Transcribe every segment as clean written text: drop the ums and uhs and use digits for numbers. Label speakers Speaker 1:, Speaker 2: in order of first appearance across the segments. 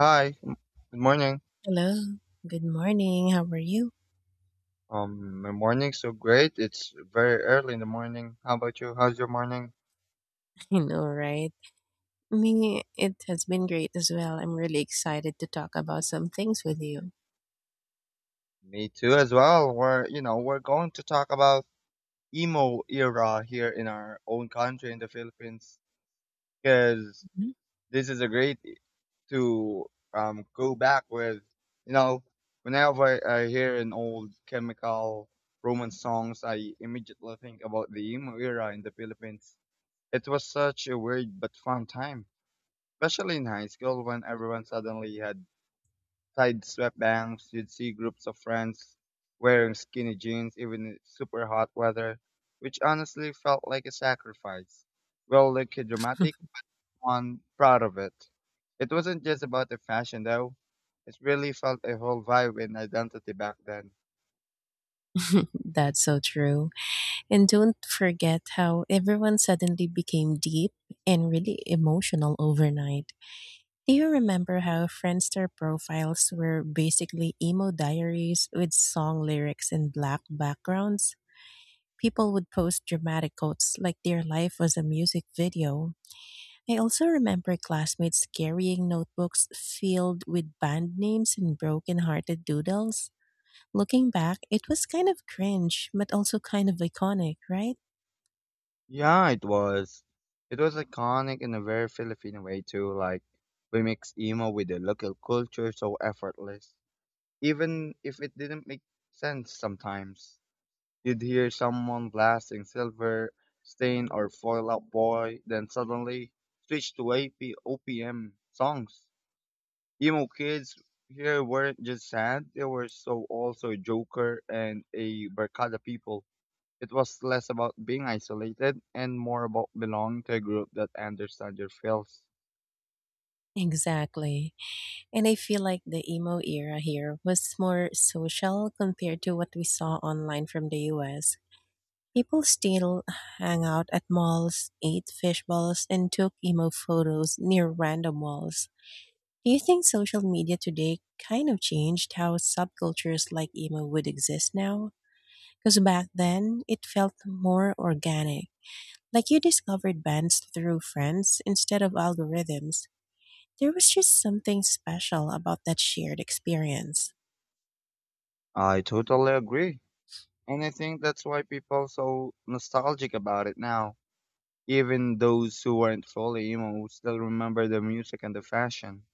Speaker 1: Hi, good morning.
Speaker 2: Hello. Good morning. How are you?
Speaker 1: My morning's so great. It's very early in the morning. How about you? How's your morning?
Speaker 2: I know, right? Me, it has been great as well. I'm really excited to talk about some things with you.
Speaker 1: Me too, as well. We're going to talk about emo era here in our own country in the Philippines, because
Speaker 2: Mhm.
Speaker 1: this is a great to go back with. You know, whenever I hear an old Chemical Romance songs, I immediately think about the emo era in the Philippines. It was such a weird but fun time. Especially in high school when everyone suddenly had tied sweatbands, you'd see groups of friends wearing skinny jeans even in super hot weather, which honestly felt like a sacrifice. Well, like a dramatic one, proud of it. It wasn't just about the fashion though. It really felt a whole vibe and identity back then.
Speaker 2: That's so true. And don't forget how everyone suddenly became deep and really emotional overnight. Do you remember how Friendster profiles were basically emo diaries with song lyrics in black backgrounds? People would post dramatic quotes like their life was a music video. I also remember classmates carrying notebooks filled with band names and broken-hearted doodles. Looking back, it was kind of cringe, but also kind of iconic, right?
Speaker 1: Yeah, it was. It was iconic in a very Filipino way too, like we mix emo with the local culture so effortless, even if it didn't make sense sometimes. You'd hear someone blasting Silver, Stain, or Foil Out Boy, then suddenly switch to AP, OPM songs. Emo kids here weren't just sad, they were so also a Joker and a Barkada people. It was less about being isolated and more about belonging to a group that understands your feels.
Speaker 2: Exactly. And I feel like the emo era here was more social compared to what we saw online from the US. People still hang out at malls, ate fish balls, and took emo photos near random walls. Do you think social media today kind of changed how subcultures like emo would exist now? Because back then, it felt more organic, like you discovered bands through friends instead of algorithms. There was just something special about that shared experience.
Speaker 1: I totally agree. And I think that's why people so nostalgic about it now. Even those who weren't fully emo still remember the music and the fashion.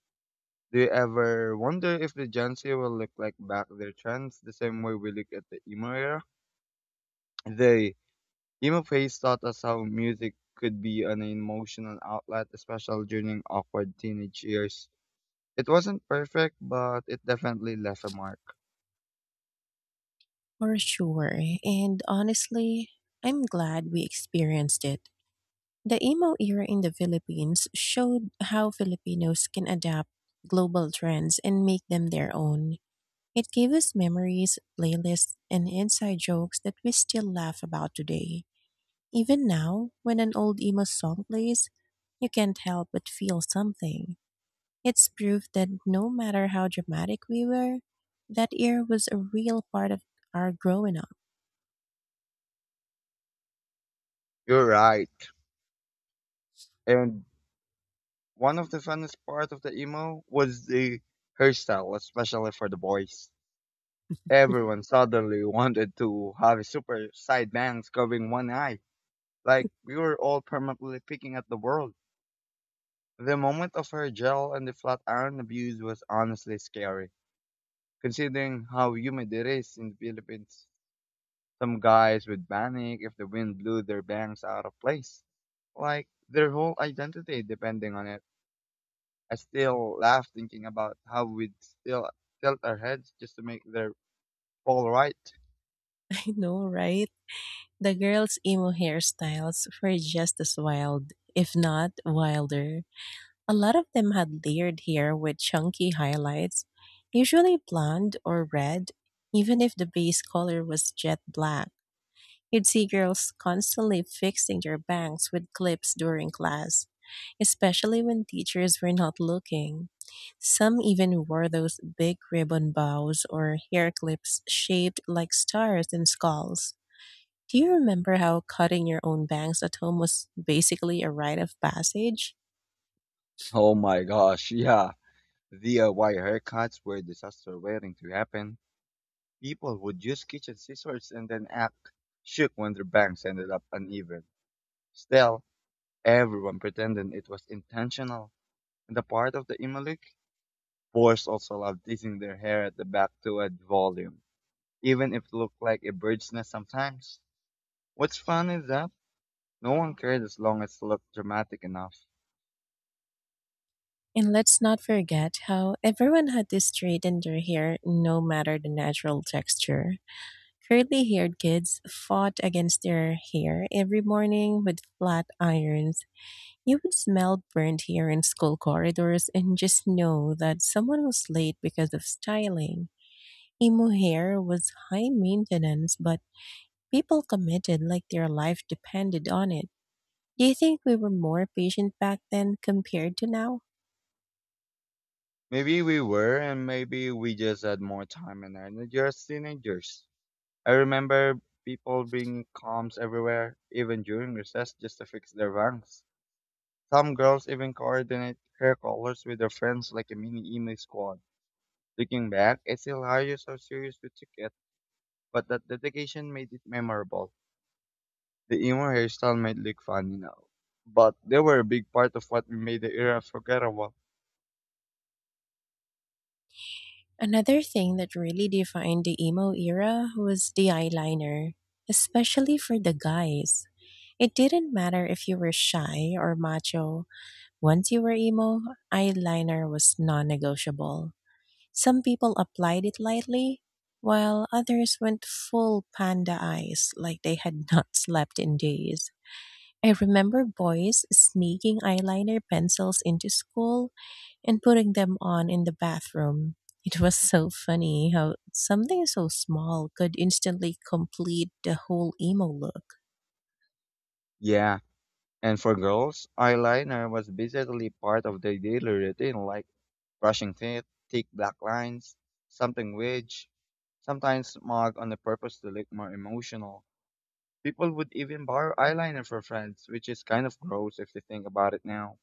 Speaker 1: Do you ever wonder if the Gen Z will look like back their trends the same way we look at the emo era? The Emo phase taught us how music could be an emotional outlet, especially during awkward teenage years. It wasn't perfect, but it definitely left a mark.
Speaker 2: For sure. And honestly, I'm glad we experienced it. The emo era in the Philippines showed how Filipinos can adapt global trends and make them their own. It gave us memories, playlists, and inside jokes that we still laugh about today. Even now, when an old emo song plays, you can't help but feel something. It's proof that no matter how dramatic we were, that era was a real part of our growing up.
Speaker 1: You're right. And one of the funnest part of the emo was the hairstyle, especially for the boys. Everyone suddenly wanted to have super side bangs covering one eye, like we were all permanently picking at the world. The moment of her gel and the flat iron abuse was honestly scary, considering how humid it is in the Philippines. Some guys would panic if the wind blew their bangs out of place, like their whole identity depending on it. I still laugh thinking about how we'd still tilt our heads just to make their fall right.
Speaker 2: I know, right? The girls' emo hairstyles were just as wild, if not wilder. A lot of them had layered hair with chunky highlights, usually blonde or red, even if the base color was jet black. You'd see girls constantly fixing their bangs with clips during class, especially when teachers were not looking. Some even wore those big ribbon bows or hair clips shaped like stars and skulls. Do you remember how cutting your own bangs at home was basically a rite of passage?
Speaker 1: Oh my gosh, yeah. The wire haircuts were disaster waiting to happen. People would use kitchen scissors and then act shook when their bangs ended up uneven. Still, everyone pretended it was intentional, and the part of the Imalik boys also loved teasing their hair at the back to add volume, even if it looked like a bird's nest sometimes. What's fun is that no one cared as long as it looked dramatic enough.
Speaker 2: And let's not forget how everyone had to straighten their hair no matter the natural texture. Curly haired kids fought against their hair every morning with flat irons. You would smell burnt hair in school corridors and just know that someone was late because of styling. Emo hair was high maintenance, but people committed like their life depended on it. Do you think we were more patient back then compared to now?
Speaker 1: Maybe we were, and maybe we just had more time and energy as teenagers. I remember people bringing combs everywhere, even during recess, just to fix their bangs. Some girls even coordinate hair colors with their friends like a mini emo squad. Looking back, it's hilarious how serious we took it, but that dedication made it memorable. The emo hairstyle might look funny now, but they were a big part of what made the era forgettable.
Speaker 2: Another thing that really defined the emo era was the eyeliner, especially for the guys. It didn't matter if you were shy or macho, once you were emo, eyeliner was non negotiable. Some people applied it lightly, while others went full panda eyes like they had not slept in days. I remember boys sneaking eyeliner pencils into school and putting them on in the bathroom. It was so funny how something so small could instantly complete the whole emo look.
Speaker 1: Yeah, and for girls, eyeliner was basically part of their daily routine, like brushing teeth, thick black lines, something which sometimes marked on the purpose to look more emotional. People would even borrow eyeliner for friends, which is kind of gross if you think about it now.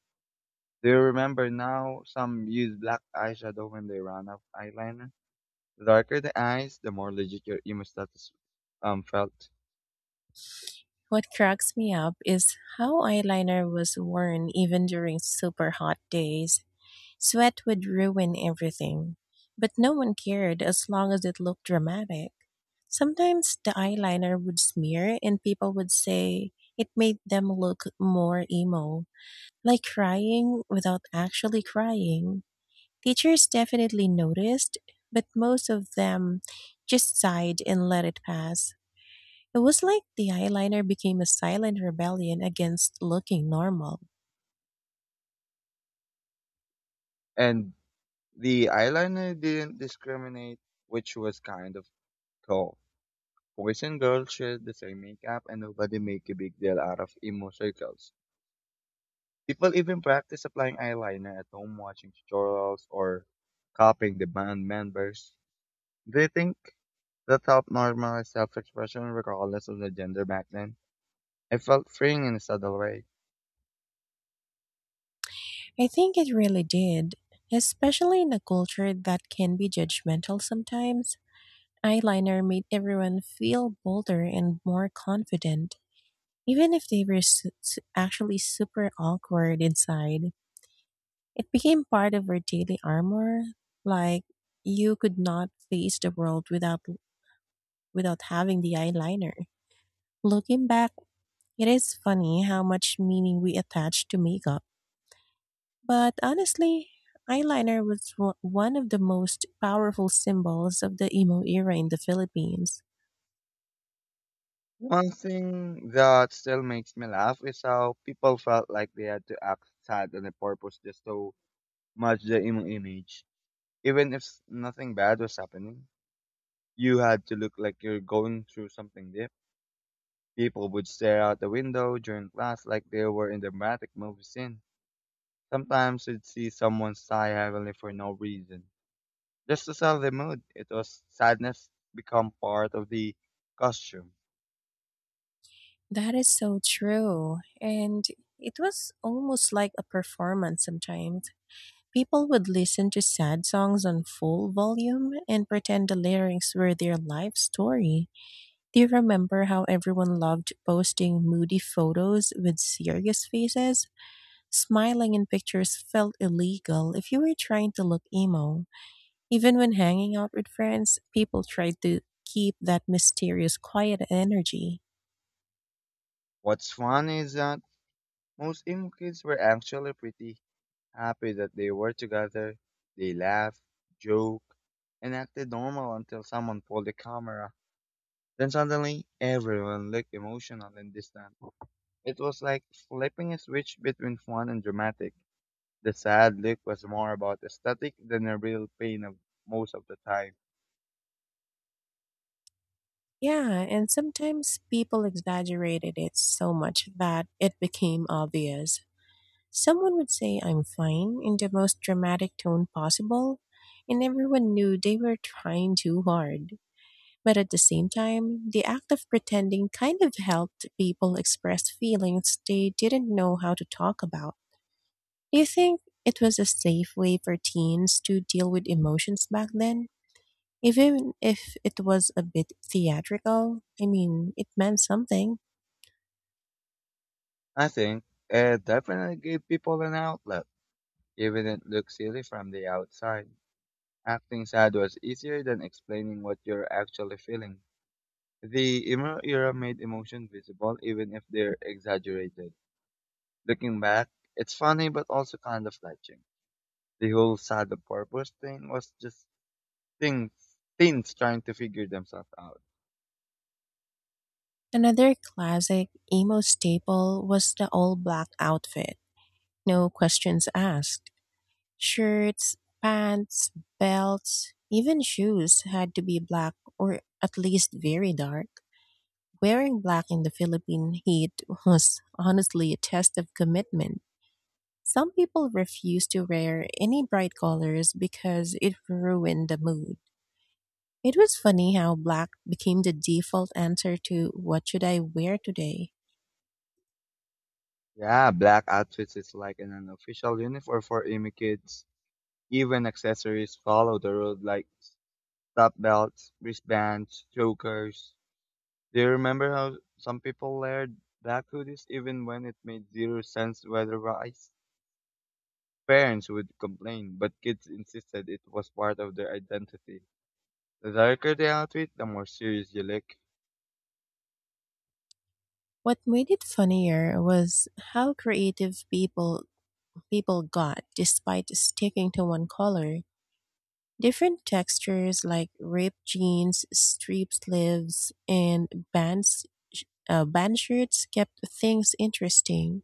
Speaker 1: Do you remember now some use black eyeshadow when they ran out of eyeliner? The darker the eyes, the more legit your emo status felt.
Speaker 2: What cracks me up is how eyeliner was worn even during super hot days. Sweat would ruin everything, but no one cared as long as it looked dramatic. Sometimes the eyeliner would smear and people would say it made them look more emo, like crying without actually crying. Teachers definitely noticed, but most of them just sighed and let it pass. It was like the eyeliner became a silent rebellion against looking normal.
Speaker 1: And the eyeliner didn't discriminate, which was kind of cool. Boys and girls share the same makeup and nobody make a big deal out of emo circles. People even practice applying eyeliner at home watching tutorials or copying the band members. They think that helped normalize self-expression regardless of the gender back then? I felt freeing in a subtle way.
Speaker 2: I think it really did, especially in a culture that can be judgmental sometimes. Eyeliner made everyone feel bolder and more confident, even if they were actually super awkward inside. It became part of our daily armor, like you could not face the world without having the eyeliner. Looking back, it is funny how much meaning we attach to makeup. But honestly, eyeliner was one of the most powerful symbols of the emo era in the Philippines.
Speaker 1: One thing that still makes me laugh is how people felt like they had to act sad on a purpose just to match the emo image, even if nothing bad was happening. You had to look like you're going through something deep. People would stare out the window during class like they were in a dramatic movie scene. Sometimes you'd see someone sigh heavily for no reason, just to sell the mood. It was sadness become part of the costume.
Speaker 2: That is so true. And it was almost like a performance sometimes. People would listen to sad songs on full volume and pretend the lyrics were their life story. Do you remember how everyone loved posting moody photos with serious faces? Smiling in pictures felt illegal if you were trying to look emo. Even when hanging out with friends, people tried to keep that mysterious quiet energy.
Speaker 1: What's funny is that most emo kids were actually pretty happy that they were together. They laughed, joked, and acted normal until someone pulled the camera. Then suddenly, everyone looked emotional and distant. It was like flipping a switch between fun and dramatic. The sad look was more about aesthetic than the real pain of most of the time.
Speaker 2: Yeah, and sometimes people exaggerated it so much that it became obvious. Someone would say I'm fine in the most dramatic tone possible, and everyone knew they were trying too hard. But at the same time, the act of pretending kind of helped people express feelings they didn't know how to talk about. Do you think it was a safe way for teens to deal with emotions back then? Even if it was a bit theatrical, I mean, it meant something.
Speaker 1: I think it definitely gave people an outlet, even if it looked silly from the outside. Acting sad was easier than explaining what you're actually feeling. The emo era made emotion visible even if they're exaggerated. Looking back, it's funny but also kind of fetching. The whole sad on purpose thing was just things, teens trying to figure themselves out.
Speaker 2: Another classic emo staple was the all black outfit. No questions asked. Shirts, pants, belts, even shoes had to be black or at least very dark. Wearing black in the Philippine heat was honestly a test of commitment. Some people refused to wear any bright colors because it ruined the mood. It was funny how black became the default answer to what should I wear today?
Speaker 1: Yeah, black outfits is like an unofficial uniform for emo kids. Even accessories follow the road like top belts, wristbands, chokers. Do you remember how some people layered black hoodies even when it made zero sense weather-wise? Parents would complain, but kids insisted it was part of their identity. The darker the outfit, the more serious you look.
Speaker 2: What made it funnier was how creative people got despite sticking to one color. Different textures like ripped jeans, striped sleeves, and bands, band shirts kept things interesting.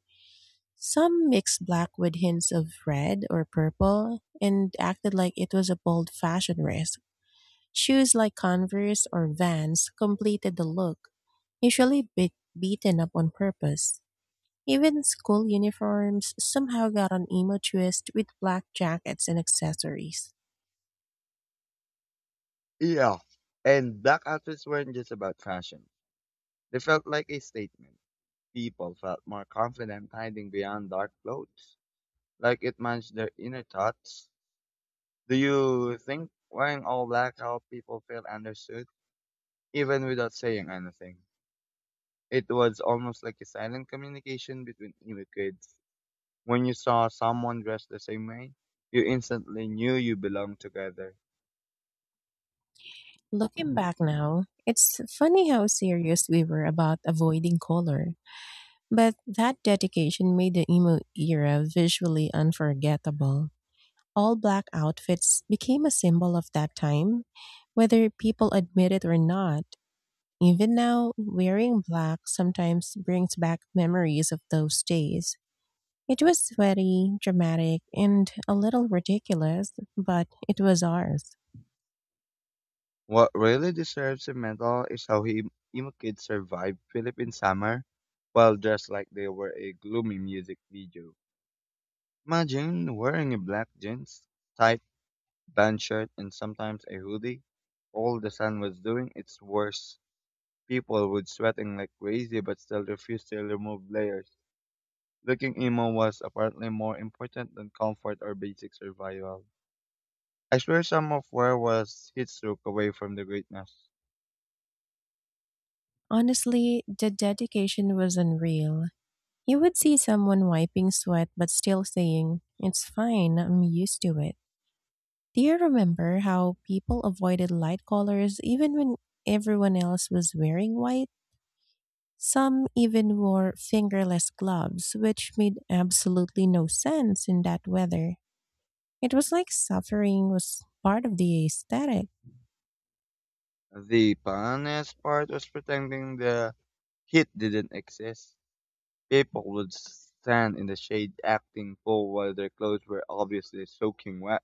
Speaker 2: Some mixed black with hints of red or purple and acted like it was a bold fashion risk. Shoes like Converse or Vans completed the look, usually bit beaten up on purpose. Even school uniforms somehow got an emo twist with black jackets and accessories.
Speaker 1: Yeah, and black outfits weren't just about fashion. They felt like a statement. People felt more confident hiding behind dark clothes, like it managed their inner thoughts. Do you think wearing all black helped people feel understood, even without saying anything? It was almost like a silent communication between immigrants. When you saw someone dressed the same way, you instantly knew you belonged together.
Speaker 2: Looking back now, it's funny how serious we were about avoiding color, but that dedication made the emo era visually unforgettable. All black outfits became a symbol of that time, whether people admit it or not. Even now, wearing black sometimes brings back memories of those days. It was sweaty, dramatic, and a little ridiculous, but it was ours.
Speaker 1: What really deserves a medal is Imo kids survived Philippine summer while dressed like they were a gloomy music video. Imagine wearing a black jeans, tight band shirt, and sometimes a hoodie. All the sun was doing its worst. People would sweating like crazy but still refused to remove layers. Looking emo was apparently more important than comfort or basic survival. I swear some of where was heat stroke away from the greatness.
Speaker 2: Honestly, the dedication was unreal. You would see someone wiping sweat but still saying, it's fine, I'm used to it. Do you remember how people avoided light colors even when everyone else was wearing white? Some even wore fingerless gloves, which made absolutely no sense in that weather. It was like suffering was part of the aesthetic.
Speaker 1: The funniest part was pretending the heat didn't exist. People would stand in the shade acting cool while their clothes were obviously soaking wet.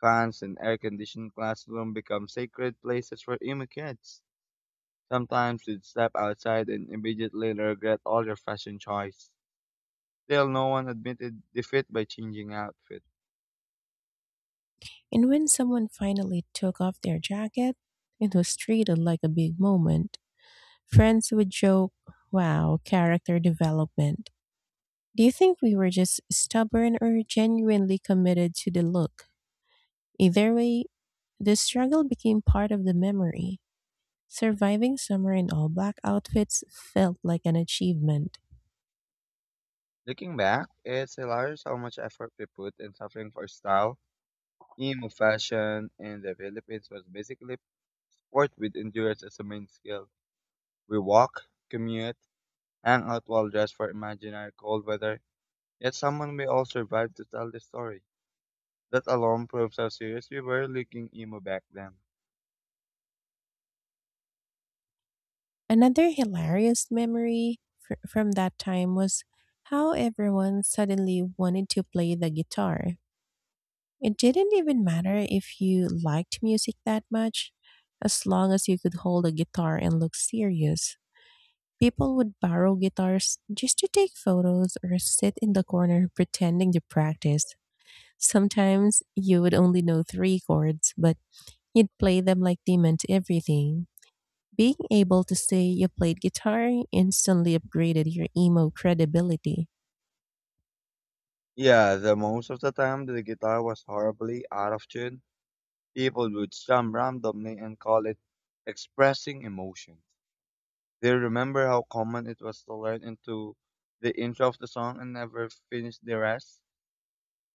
Speaker 1: Fans and air-conditioned classroom become sacred places for emo kids. Sometimes you'd step outside and immediately regret all your fashion choice. Still, no one admitted defeat by changing outfit.
Speaker 2: And when someone finally took off their jacket, it was treated like a big moment. Friends would joke, wow, character development. Do you think we were just stubborn or genuinely committed to the look? Either way, the struggle became part of the memory. Surviving summer in all black outfits felt like an achievement.
Speaker 1: Looking back, it's hilarious how much effort we put in suffering for style. Emo fashion in the Philippines was basically sport with endurance as a main skill. We walk, commute, hang out while dressed for imaginary cold weather. Yet someone may all survive to tell the story. That alone proves how serious we were looking emo back then.
Speaker 2: Another hilarious memory from that time was how everyone suddenly wanted to play the guitar. It didn't even matter if you liked music that much. As long as you could hold a guitar and look serious, people would borrow guitars just to take photos or sit in the corner pretending to practice. Sometimes you would only know three chords, but you'd play them like they meant everything. Being able to say you played guitar instantly upgraded your emo credibility.
Speaker 1: Yeah, the most of the time the guitar was horribly out of tune. People would strum randomly and call it expressing emotions. They remember how common it was to learn into the intro of the song and never finish the rest.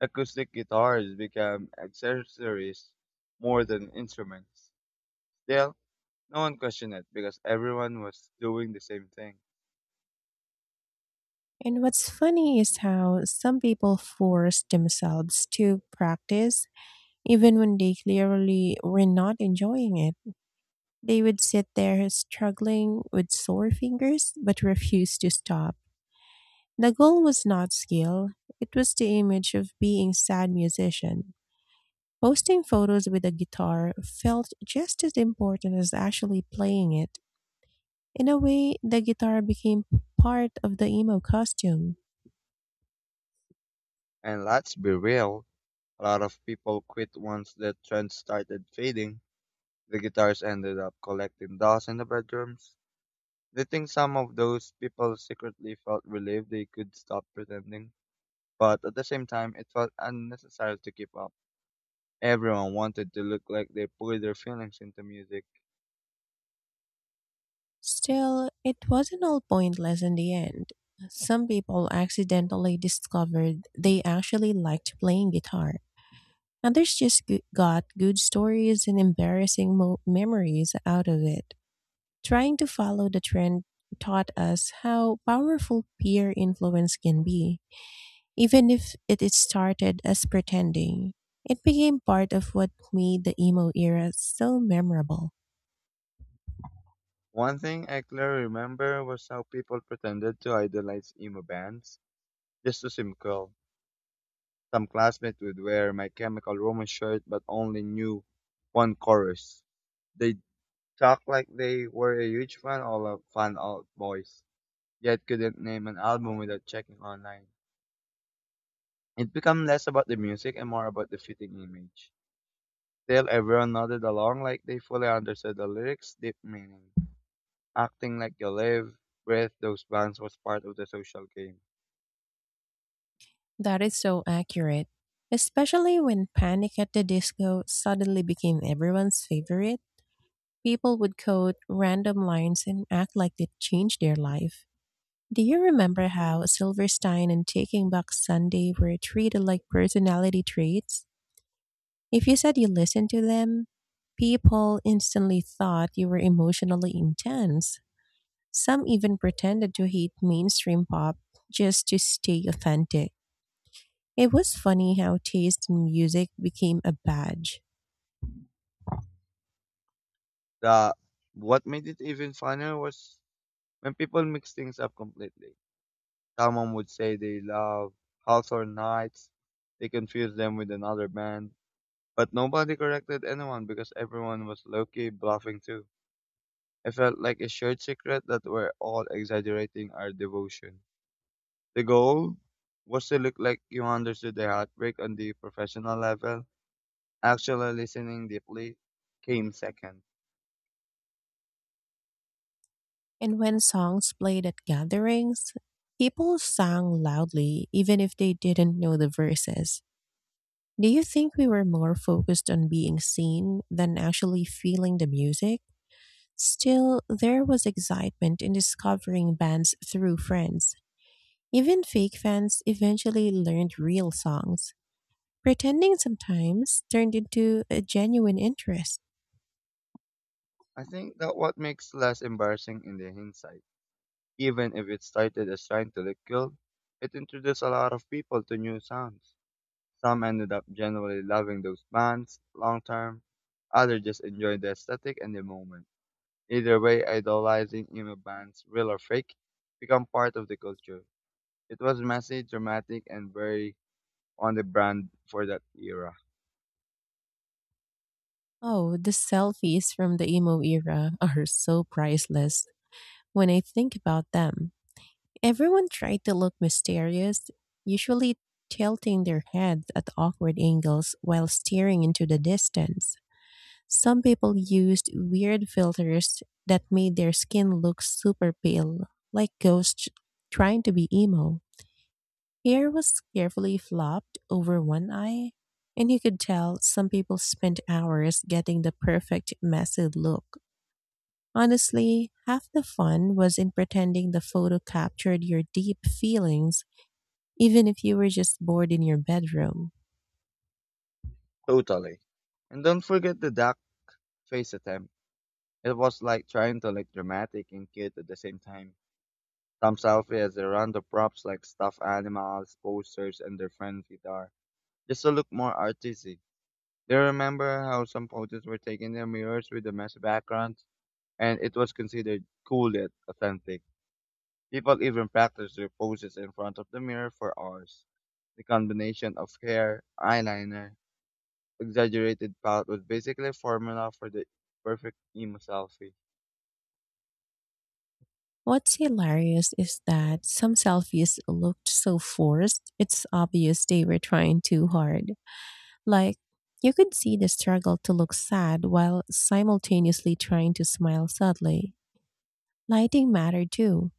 Speaker 1: Acoustic guitars became accessories more than instruments. Still, no one questioned it because everyone was doing the same thing.
Speaker 2: And what's funny is how some people force themselves to practice. Even when they clearly were not enjoying it, they would sit there struggling with sore fingers but refuse to stop. The goal was not skill, it was the image of being sad musician. Posting photos with a guitar felt just as important as actually playing it. In a way, the guitar became part of the emo costume.
Speaker 1: And let's be real, a lot of people quit once the trend started fading. The guitars ended up collecting dust in the bedrooms. They think some of those people secretly felt relieved they could stop pretending, but at the same time, it felt unnecessary to keep up. Everyone wanted to look like they poured their feelings into music.
Speaker 2: Still, it wasn't all pointless in the end. Some people accidentally discovered they actually liked playing guitar. Others just got good stories and embarrassing memories out of it. Trying to follow the trend taught us how powerful peer influence can be. Even if it started as pretending, it became part of what made the emo era so memorable.
Speaker 1: One thing I clearly remember was how people pretended to idolize emo bands just to seem cool. Some classmates would wear my Chemical Romance shirt but only knew one chorus. They talk like they were a huge fan all of fan out boys, yet couldn't name an album without checking online. It became less about the music and more about the fitting image. Still, everyone nodded along like they fully understood the lyrics' deep meaning. Acting like you live, breathe those bands was part of the social game.
Speaker 2: That is so accurate, especially when Panic at the Disco suddenly became everyone's favorite. People would quote random lines and act like they changed their life. Do you remember how Silverstein and Taking Back Sunday were treated like personality traits? If you said you listened to them, people instantly thought you were emotionally intense. Some even pretended to hate mainstream pop just to stay authentic. It was funny how taste in music became a badge.
Speaker 1: The What made it even funnier was when people mixed things up completely. Someone would say they love Hawthorne Nights, they confused them with another band. But nobody corrected anyone because everyone was low-key bluffing too. It felt like a shared secret that we're all exaggerating our devotion. The goal was to look like you understood the heartbreak on the professional level. Actually listening deeply came second.
Speaker 2: And when songs played at gatherings, people sang loudly even if they didn't know the verses. Do you think we were more focused on being seen than actually feeling the music? Still, there was excitement in discovering bands through friends. Even fake fans eventually learned real songs. Pretending sometimes turned into a genuine interest.
Speaker 1: I think that what makes less embarrassing in the hindsight. Even if it started as trying to look cool, it introduced a lot of people to new sounds. Some ended up genuinely loving those bands long term, others just enjoyed the aesthetic and the moment. Either way, idolizing emo bands, real or fake, become part of the culture. It was messy, dramatic, and very on the brand for that era.
Speaker 2: Oh, the selfies from the emo era are so priceless when I think about them. Everyone tried to look mysterious, usually tilting their heads at awkward angles while staring into the distance. Some people used weird filters that made their skin look super pale, like ghosts trying to be emo. Hair was carefully flopped over one eye, and you could tell some people spent hours getting the perfect messy look. Honestly, half the fun was in pretending the photo captured your deep feelings, even if you were just bored in your bedroom.
Speaker 1: Totally. And don't forget the duck face attempt. It was like trying to look dramatic and cute at the same time. Some selfies around the props like stuffed animals, posters, and their friend's guitar, just to look more artistic. They remember how some photos were taken in mirrors with a messy background, and it was considered cool yet authentic. People even practiced their poses in front of the mirror for hours. The combination of hair, eyeliner, exaggerated pout was basically a formula for the perfect emo selfie.
Speaker 2: What's hilarious is that some selfies looked so forced, it's obvious they were trying too hard. Like, you could see the struggle to look sad while simultaneously trying to smile subtly. Lighting mattered too.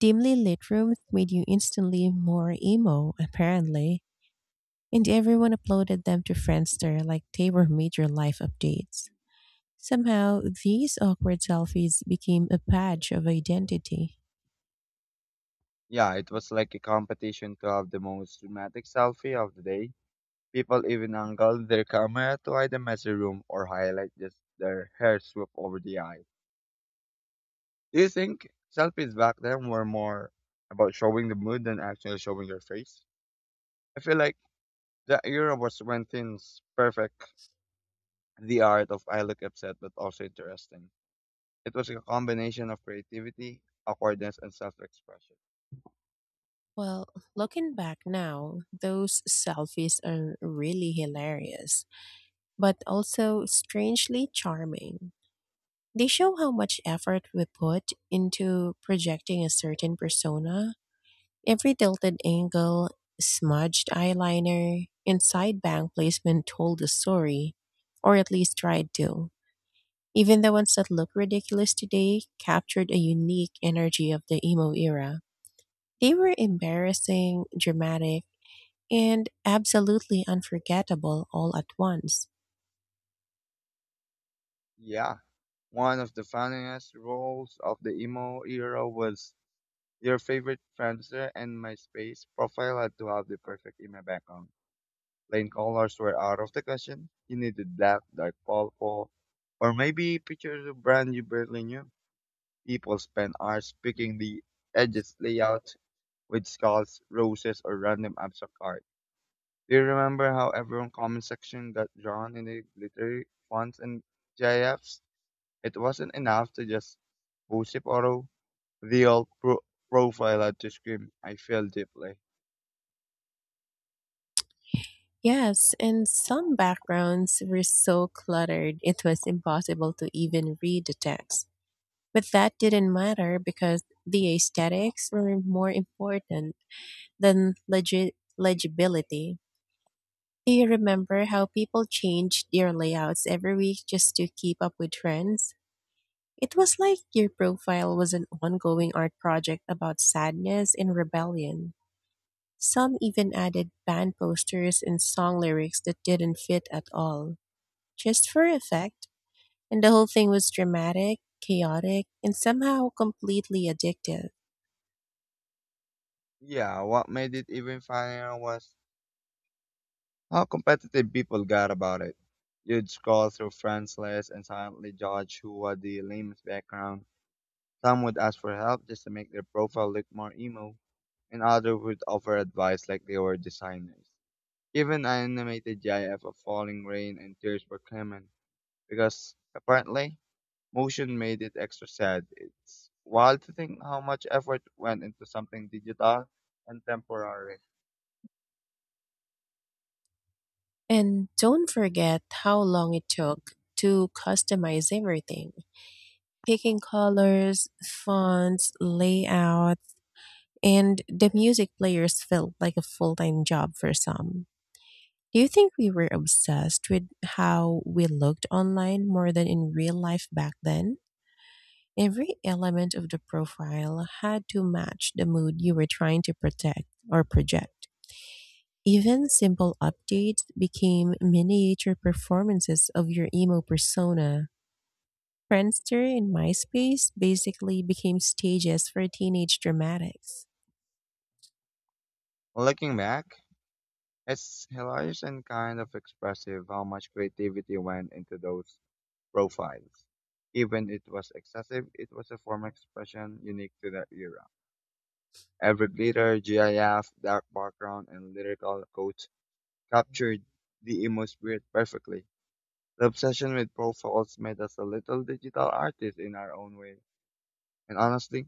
Speaker 2: Dimly lit rooms made you instantly more emo, apparently, and everyone uploaded them to Friendster like they were major life updates. Somehow, these awkward selfies became a badge of identity.
Speaker 1: Yeah, it was like a competition to have the most dramatic selfie of the day. People even angled their camera to hide the messy room or highlight just their hair swoop over the eye. Do you think selfies back then were more about showing the mood than actually showing your face? I feel like that era was when things perfect the art of I look upset but also interesting. It was a combination of creativity, awkwardness, and self expression.
Speaker 2: Well, looking back now, those selfies are really hilarious, but also strangely charming. They show how much effort we put into projecting a certain persona. Every tilted angle, smudged eyeliner, and side bang placement told a story, or at least tried to. Even the ones that look ridiculous today captured a unique energy of the emo era. They were embarrassing, dramatic, and absolutely unforgettable all at once.
Speaker 1: Yeah. One of the funniest roles of the emo era was your favorite friendster and MySpace profile had to have the perfect emo background. Plain colors were out of the question. You needed black, dark purple, or maybe pictures of brand you barely knew. People spent hours picking the edges layout with skulls, roses, or random abstract art. Do you remember how everyone comment section got drawn in the glittery fonts and GIFs? It wasn't enough to just post it auto. The old profile had to scream, I feel deeply.
Speaker 2: Yes, and some backgrounds were so cluttered it was impossible to even read the text. But that didn't matter because the aesthetics were more important than legibility. Do you remember how people changed their layouts every week just to keep up with trends? It was like your profile was an ongoing art project about sadness and rebellion. Some even added band posters and song lyrics that didn't fit at all, just for effect. And the whole thing was dramatic, chaotic, and somehow completely addictive.
Speaker 1: Yeah, what made it even funnier was how competitive people got about it. You'd scroll through friends lists and silently judge who had the lamest background. Some would ask for help just to make their profile look more emo, and others would offer advice like they were designers. Even an animated GIF of falling rain and tears were common because apparently motion made it extra sad. It's wild to think how much effort went into something digital and temporary.
Speaker 2: And don't forget how long it took to customize everything, picking colors, fonts, layouts, and the music players felt like a full time job for some. Do you think we were obsessed with how we looked online more than in real life back then? Every element of the profile had to match the mood you were trying to protect or project. Even simple updates became miniature performances of your emo persona. Friendster and MySpace basically became stages for teenage dramatics.
Speaker 1: Looking back, it's hilarious and kind of expressive how much creativity went into those profiles. Even it was excessive, it was a form of expression unique to that era. Every glitter, GIF, dark background, and lyrical quotes captured the emo spirit perfectly. The obsession with profiles made us a little digital artist in our own way. And honestly,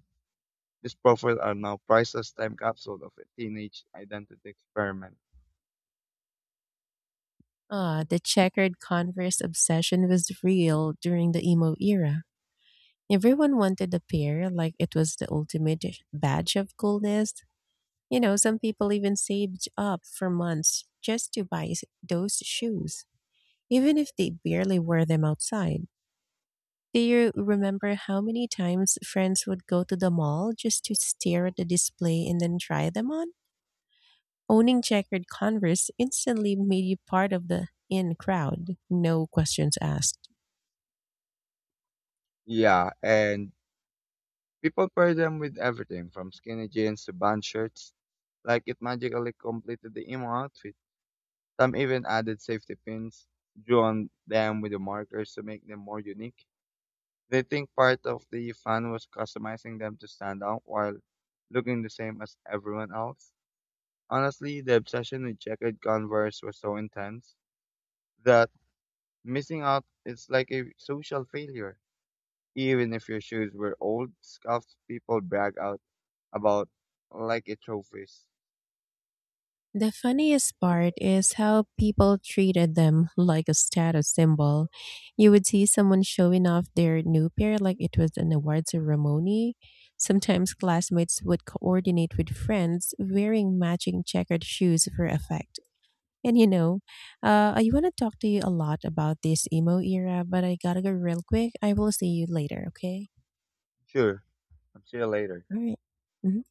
Speaker 1: these profiles are now priceless time capsule of a teenage identity experiment.
Speaker 2: Ah, the checkered Converse obsession was real during the emo era. Everyone wanted a pair like it was the ultimate badge of coolness. You know, some people even saved up for months just to buy those shoes, even if they barely wore them outside. Do you remember how many times friends would go to the mall just to stare at the display and then try them on? Owning checkered Converse instantly made you part of the in crowd, no questions asked.
Speaker 1: Yeah, and people pair them with everything from skinny jeans to band shirts, like it magically completed the emo outfit. Some even added safety pins, drew on them with the markers to make them more unique. They think part of the fun was customizing them to stand out while looking the same as everyone else. Honestly, the obsession with checkered Converse was so intense that missing out is like a social failure. Even if your shoes were old, scuffed people brag out about like a trophies.
Speaker 2: The funniest part is how people treated them like a status symbol. You would see someone showing off their new pair like it was an award ceremony. Sometimes classmates would coordinate with friends wearing matching checkered shoes for effect. And you know, I want to talk to you a lot about this emo era, but I gotta go real quick. I will see you later, okay?
Speaker 1: Sure, and see you later.
Speaker 2: All right. Mhm.